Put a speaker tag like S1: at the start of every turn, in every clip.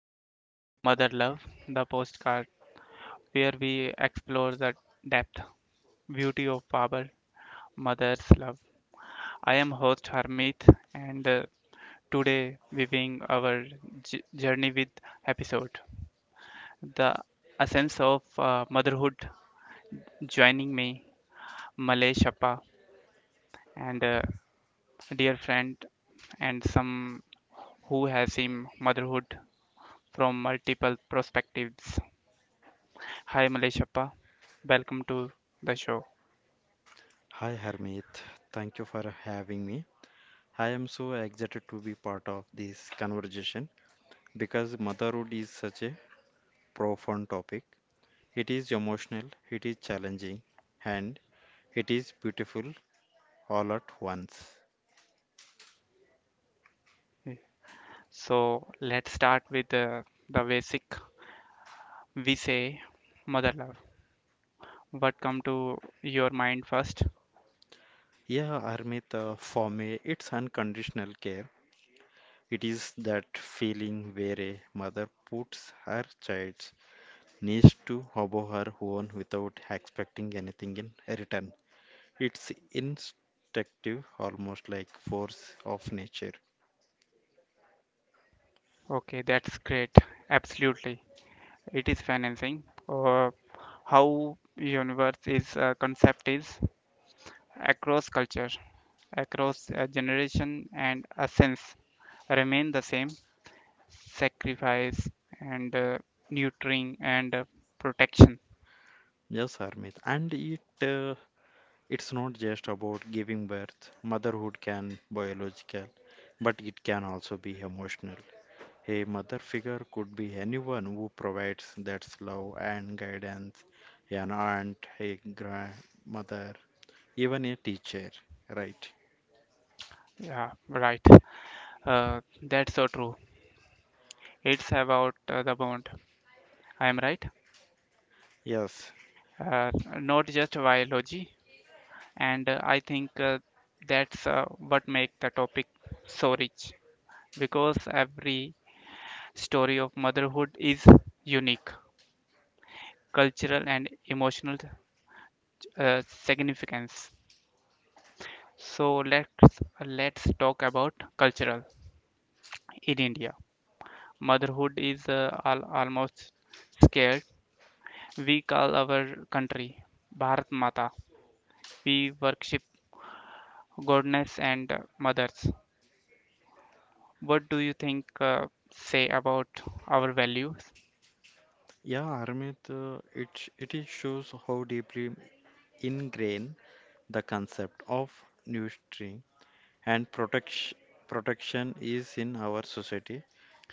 S1: to Mother Love, the postcard where we explore the depth, beauty of our mother's love. I am host Harmit and today we bring our journey with episode The Essence of Motherhood. Joining me, Malay Shappa and dear friend and some who has seen motherhood from multiple perspectives. Hi Maleshappa, welcome to the show.
S2: Hi Harmeet, thank you for having me. I am so excited to be part of this conversation because motherhood is such a profound topic. It is emotional, it is challenging, and it is beautiful all at once.
S1: Yeah. So let's start with the basic. We say mother love. What come to your mind first?
S2: Yeah, Harmeet, for me, it's unconditional care. It is that feeling where a mother puts her child's needs to above her own without expecting anything in return. It's instinctive, almost like force of nature.
S1: Okay, that's great. Absolutely, it is financing. Or how universe is concept is across culture, across generation and a sense remain the same. Sacrifice and nurturing and protection.
S2: Yes, Harmit. And it's not just about giving birth. Motherhood can biological, but it can also be emotional. A mother figure could be anyone who provides that love and guidance, an aunt, a grandmother, even a teacher, right?
S1: Yeah, right. That's so true. It's about the bond. I am right.
S2: Yes.
S1: Uh, Not just biology. And I think that's what makes the topic so rich because every story of motherhood is unique, cultural and emotional significance. So let's talk about cultural in India. Motherhood is almost scared. We call our country Bharat Mata. We worship goddess and mothers. What do you think say about our values?
S2: Yeah, Armit. It is shows how deeply ingrained the concept of nurturing and protection is in our society,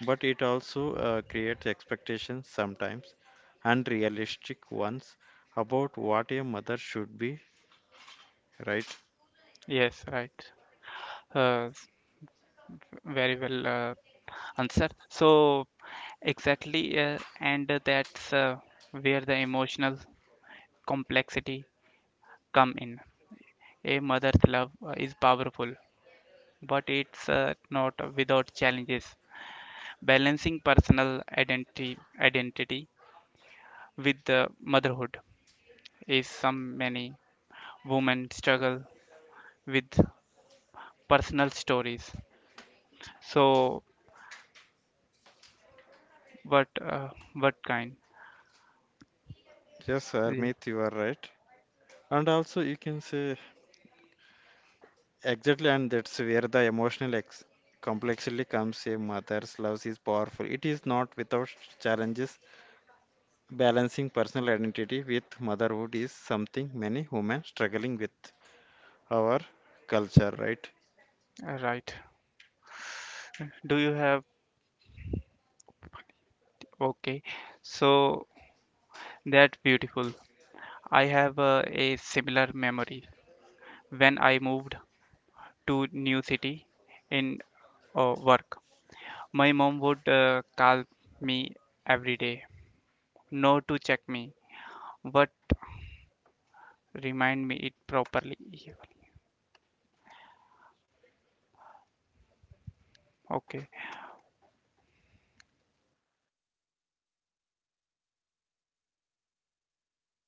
S2: but it also creates expectations sometimes unrealistic ones about what a mother should be, right?
S1: Yes, right. Uh, s- very well answered. So exactly, and that's where the emotional complexity come in. A mother's love is powerful, but it's not without challenges. Balancing personal identity with the motherhood is some many women struggle with personal stories. So, what uh, what kind?
S2: Yes,
S1: Yeah,
S2: Armit, you are right. And also, you can say exactly, and that's where the emotional ex complexity comes. A mother's love is powerful. It is not without challenges. Balancing personal identity with motherhood is something many women struggling with our culture, right?
S1: right. Do you have? Okay. So that's beautiful. I have a similar memory when I moved to new city in work. My mom would call me every day, no to check me, but remind me it properly. Okay.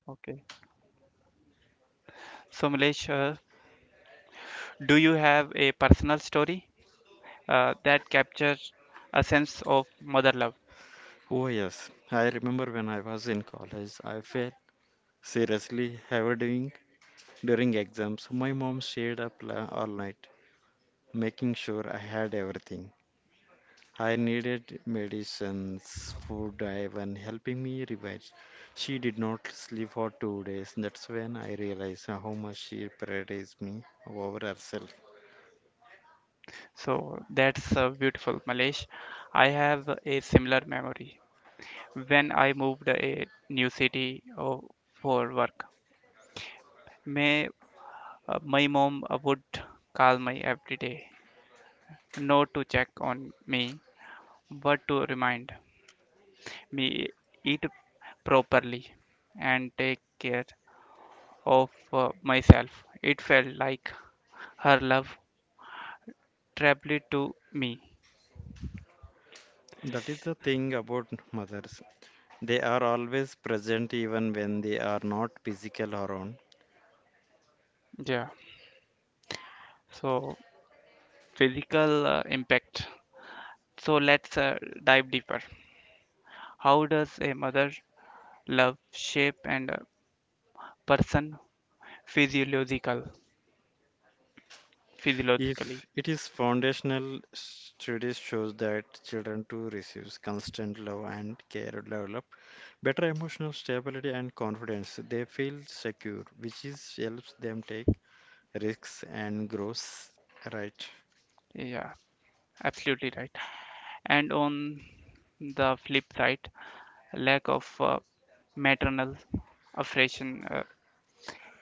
S1: Okay. So Milesh, do you have a personal story that captures a sense of mother love.
S2: Oh yes, I remember when I was in college, I felt seriously overdoing during exams. My mom stayed up all night, making sure I had everything. I needed medicines, food, even helping me revise. She did not sleep for 2 days. That's when I realized how much she prioritized me over herself.
S1: So that's beautiful, Malesh. I have a similar memory when I moved a new city for work. May, my mom would call me every day, not to check on me, but to remind me eat properly and take care of myself. It felt like her love traveled to me.
S2: That is the thing about mothers. They are always present even when they are not physical around.
S1: Yeah. So physical impact. So let's dive deeper. How does a mother love shape and a person physiological physiologically?
S2: If it is foundational, studies shows that children who receive constant love and care develop better emotional stability and confidence. They feel secure, which is helps them take risks and grows. Right.
S1: Yeah, absolutely right. And on the flip side, lack of maternal affection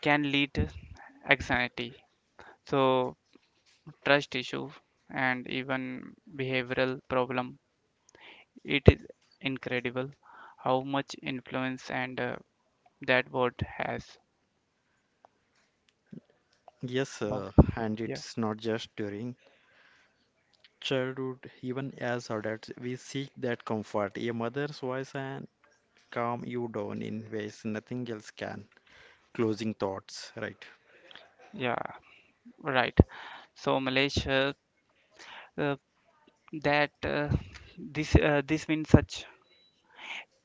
S1: can lead to anxiety. So trust issue and even behavioral problem. It is incredible how much influence and that word has
S2: Yes,
S1: Bomb.
S2: and
S1: Yeah.
S2: it's not just during childhood, even as adults, we seek that comfort. A mother's voice can calm you down in ways nothing else can. Closing thoughts, right?
S1: Yeah, right. So Malaysia, uh, that this this means such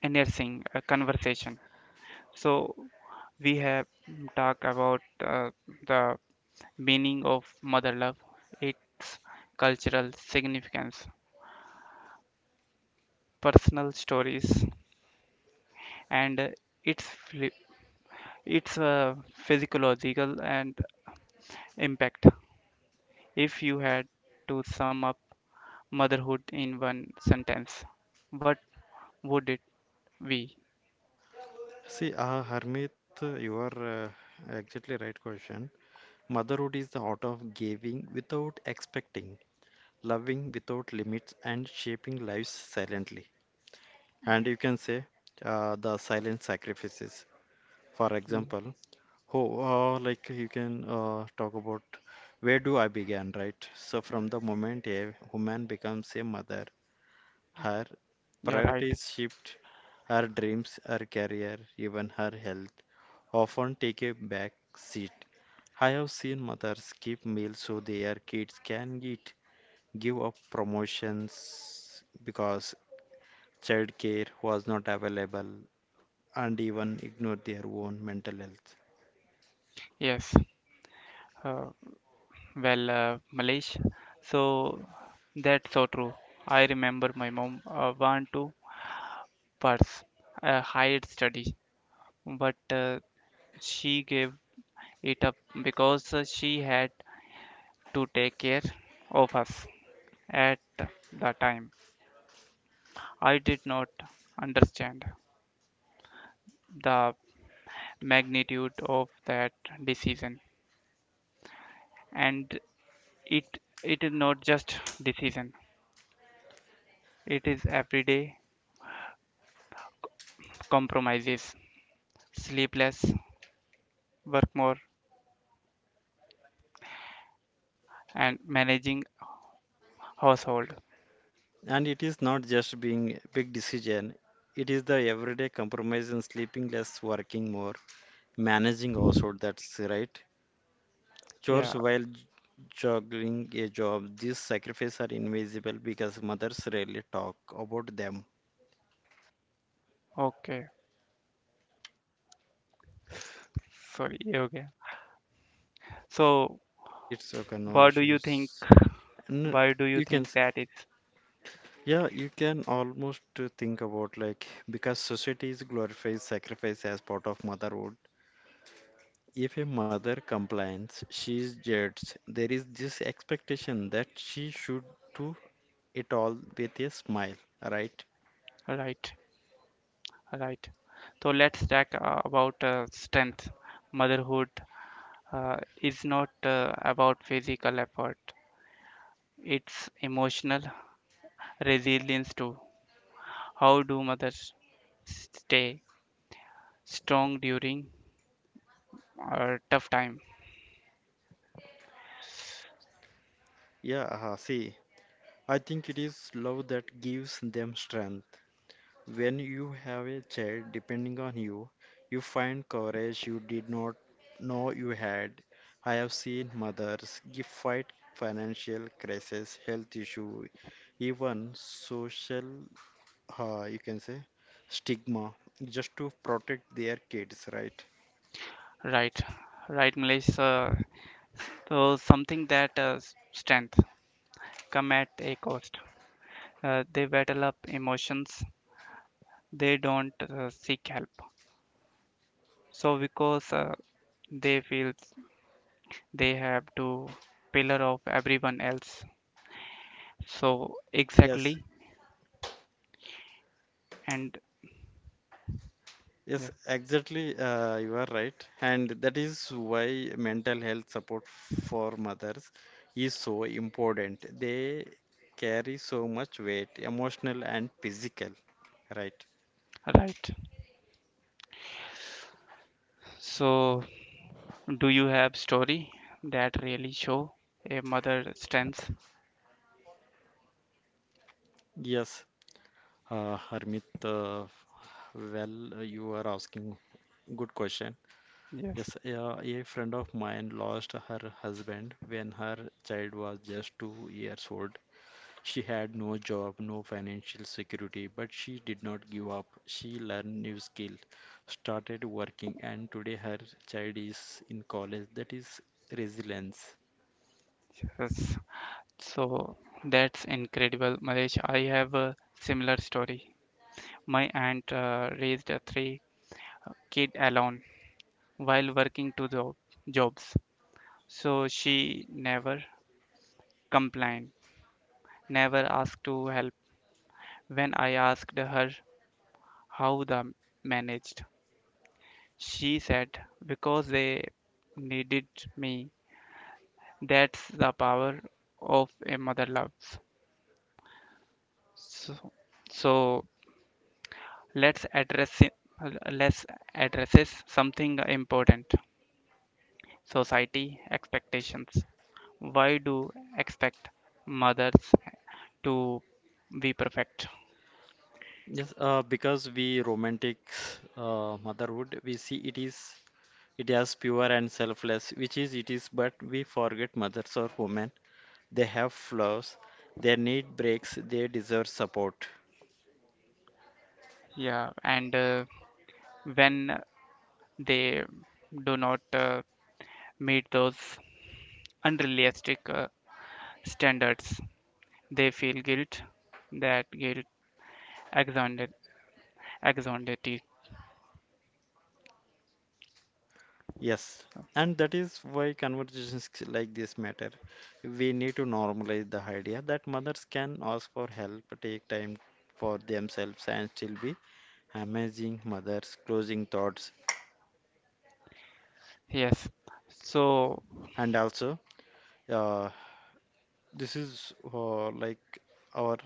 S1: enhancing conversation. So we have talked about the meaning of mother love, its cultural significance, personal stories, and uh, its phy- its uh, physiological and impact. If you had to sum up motherhood in one sentence, what would it be?
S2: See, Harmit, you are uh, exactly right question. Motherhood is the art of giving without expecting, loving without limits, and shaping lives silently. And you can say the silent sacrifices. For
S1: Y-
S2: example, oh, like you can talk about where do I begin, right? So from the moment a woman becomes a mother, her
S1: You're right.
S2: priorities shift, her dreams, her career, even her health often take a back seat. I have seen mothers skip meals so their kids can eat, give up promotions because childcare was not available, and even ignore their own mental health.
S1: Yes. Uh, well, Malesh, so that's so true. I remember my mom want to pursue a higher study, but she gave it up because she had to take care of us at the time. I did not understand the magnitude of that decision, and it it is not just decision, it is everyday compromises, sleepless, work more, and managing household.
S2: And it is not just being big decision, it is the everyday compromise in sleeping less, working more, managing also, that's right.
S1: Yeah.
S2: Chores while juggling a job, these sacrifices are invisible because mothers rarely talk about them.
S1: Okay, sorry. Okay. So
S2: It's okay, no
S1: what do you think,
S2: issues. And
S1: why do you
S2: you can,
S1: think that is?
S2: yeah, you can almost think about like because society is glorifies sacrifice as part of motherhood. If a mother complains, she is judged. There is this expectation that she should do it all with a smile, right?
S1: Right, right. So let's talk about strength. Motherhood is not about physical effort, it's emotional resilience too. How do mothers stay strong during a tough time?
S2: Yeah, see, I think it is love that gives them strength. When you have a child depending on you, you find courage you did not know you had. I have seen mothers give fight financial crisis, health issue, even social you can say stigma just to protect their kids, right?
S1: Right, right, Malaysia. So something that strength come at a cost. They battle up emotions. They don't seek help. So because they feel they have to pillar of everyone else. So
S2: Yes,
S1: exactly and
S2: yes,
S1: yeah,
S2: exactly, you are right, and that is why mental health support for mothers is so important. They carry so much weight emotional and physical, right?
S1: right. So do you have story that really show a mother strength?
S2: Yes, Harmit, well, you are asking good question.
S1: Yes.
S2: Yes, a friend of mine lost her husband when her child was just 2 years old. She had no job, no financial security, but she did not give up. She learned new skills, started working, and today her child is in college. That is resilience.
S1: Yes. So that's incredible, Malaysia. I have a similar story. My aunt raised a three kid alone while working jobs. So she never complained, never asked to help. When I asked her how they managed, she said, because they needed me. That's the power of a mother loves. So, so let's address it, let's addresses something important, society expectations. Why do expect mothers to be perfect?
S2: Yes, because we romantic motherhood, we see it is it as pure and selfless, which is it is, but we forget mothers or women. They have flaws, they need breaks, they deserve support.
S1: Yeah, and when they do not meet those unrealistic standards, they feel guilt. That guilt exonerated exonerated.
S2: Yes, and that is why conversations like this matter. We need to normalize the idea that mothers can ask for help, take time for themselves, and still be amazing mothers, closing thoughts.
S1: Yes. So
S2: And also, uh, this is like our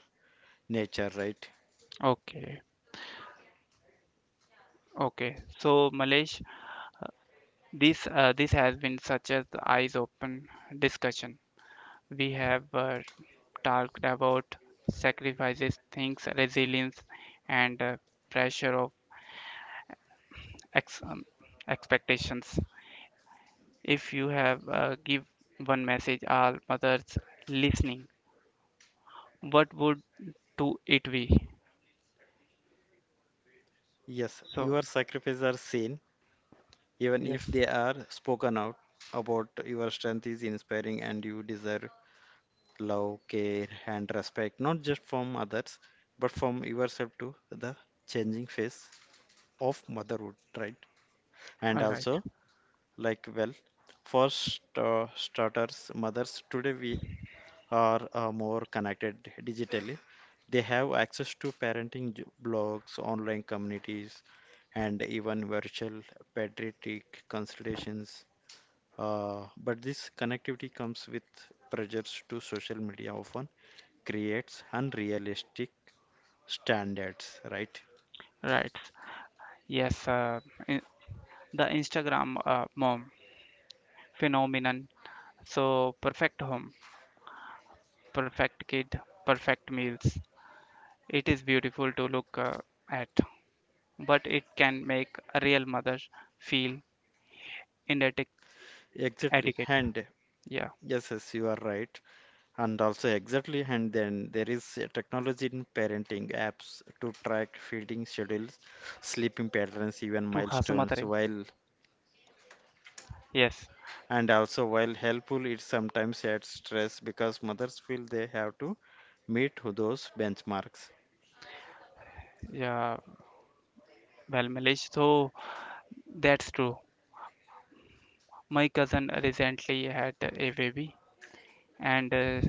S2: nature, right?
S1: okay, okay. So Malesh, this has been such an eyes open discussion. We have talked about sacrifices, things, resilience, and pressure of ex- um, expectations. If you have give one message all mothers listening, what would to it be?
S2: Yes,
S1: So
S2: your sacrifices are seen, even
S1: yes,
S2: if they are spoken out about. Your strength is inspiring, and you deserve love, care, and respect, not just from others, but from yourself to the changing face of motherhood, right? And
S1: all right,
S2: also, like, well, for starters, mothers today we are more connected digitally. They have access to parenting blogs, online communities, and even virtual pediatric consultations. But this connectivity comes with pressures to social media often creates unrealistic standards, right?
S1: right, yes. In- the Instagram mom phenomenon. So perfect home, perfect kid, perfect meals. It is beautiful to look at, but it can make a real mother feel inadequate.
S2: Exactly. And
S1: Yeah.
S2: yes, yes, you are right. And also exactly, and then there is a technology in parenting apps to track feeding schedules, sleeping patterns, even
S1: तू हंस मत
S2: milestones.
S1: रही.
S2: While
S1: Yes.
S2: and also while helpful, it sometimes adds stress because mothers feel they have to meet those benchmarks.
S1: Yeah. Well, Milish, so that's true. My cousin recently had a baby, and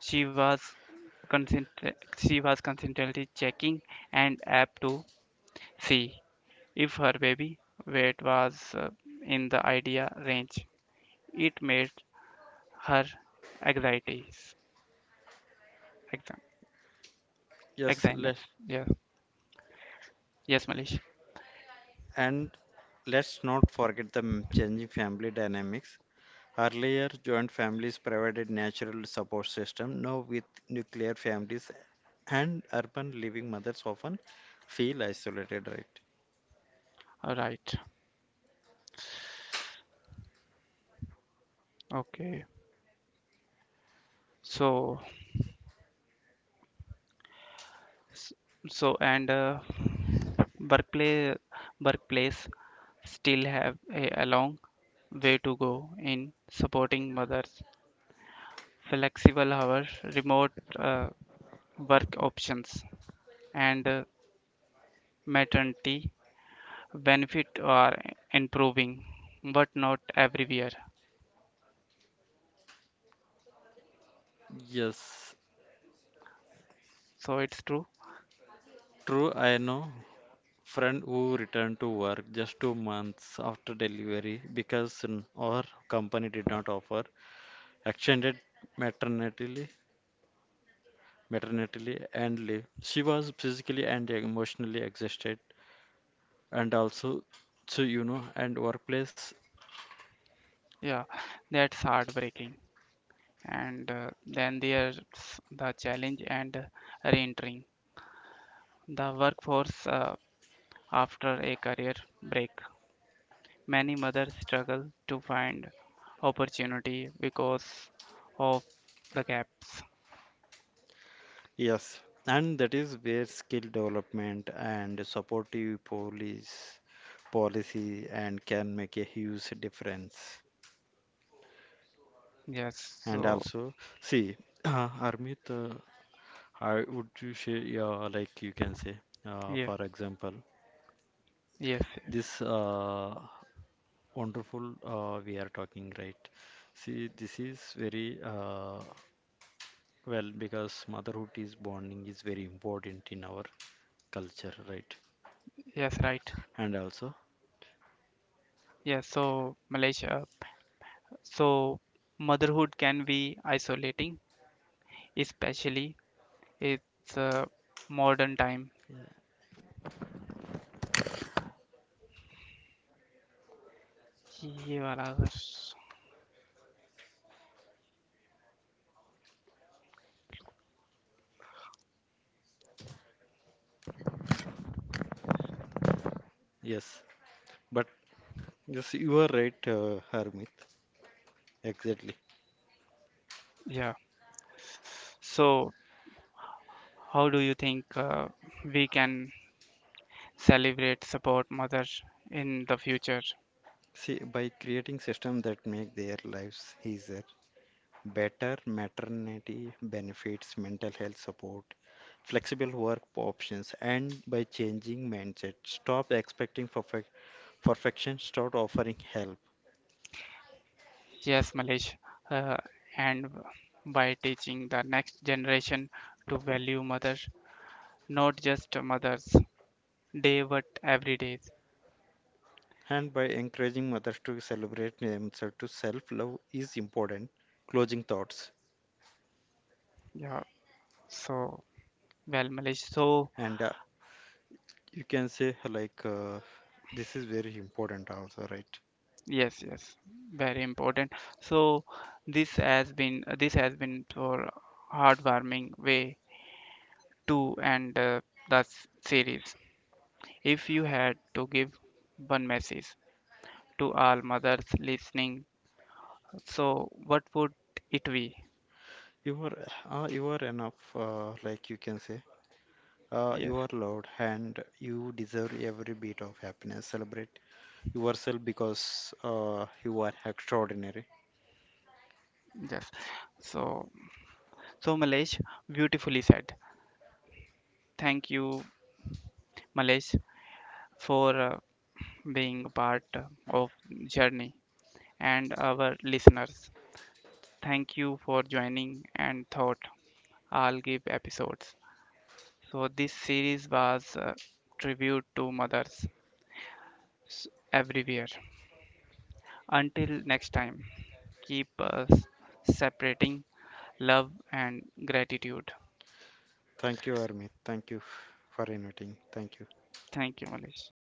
S1: she was she was constantly checking an app to see if her baby weight was in the ideal range. It made her anxieties. Exa-
S2: Yes,
S1: Exynos.
S2: let
S1: Yeah. Yes, Malish.
S2: and let's not forget the changing family dynamics. Earlier, joint families provided natural support system. Now, with nuclear families and urban living, mothers often feel isolated. Right?
S1: All right. Okay. So, s- so and Berkeley, Berkeleys still have a long way to go in supporting mothers, flexible hours, remote uh, work options, and maternity benefit are improving, but not everywhere.
S2: Yes,
S1: So it's true.
S2: true. I know friend who returned to work just 2 months after delivery because our company did not offer extended maternity maternity and leave. She was physically and emotionally exhausted, and also, so you know, and workplace.
S1: Yeah, that's heartbreaking. And then there's the challenge and re-entering the workforce after a career break. Many mothers struggle to find opportunity because of the gaps.
S2: Yes, and that is where skill development and supportive police policy and can make a huge difference.
S1: Yes,
S2: And
S1: so
S2: also, see, Armit, I would you say, yeah, like you can say,
S1: yeah,
S2: for example,
S1: yes, yes,
S2: this wonderful we are talking, right? See, this is very well because motherhood is bonding is very important in our culture, right?
S1: yes, right.
S2: And also,
S1: Yes, so Malaysia, so motherhood can be isolating, especially it's modern time. ये वाला अगर-
S2: yes. But yes, you are right, Harmit. Exactly.
S1: Yeah. So how do you think we can celebrate support mothers in the future?
S2: See, by creating systems that make their lives easier, better maternity benefits, mental health support, flexible work options, and by changing mindset, stop expecting perfection, start offering help.
S1: Yes, Malesh, uh, and by teaching the next generation to value mothers, not just mothers day but every day.
S2: And by encouraging mothers to celebrate themselves to self-love is important. Closing thoughts.
S1: Yeah, so well, Malesh. So
S2: And you can say like this is very important also, right?
S1: yes, yes, very important. So this has been for heartwarming way two and the series. If you had to give one message to all mothers listening, so what would it be?
S2: You are you are enough, like you can say.
S1: Yes,
S2: You are loved and you deserve every bit of happiness. Celebrate yourself because you are extraordinary.
S1: yes. So, so Malesh, beautifully said. Thank you, Malesh, for being a part of journey and our listeners. Thank you for joining and thought. I'll give episodes. So this series was a tribute to mothers s- everywhere. Until next time, keep us separating love and gratitude.
S2: Thank you, Armit. Thank you for inviting. Thank you.
S1: Thank you, Malish.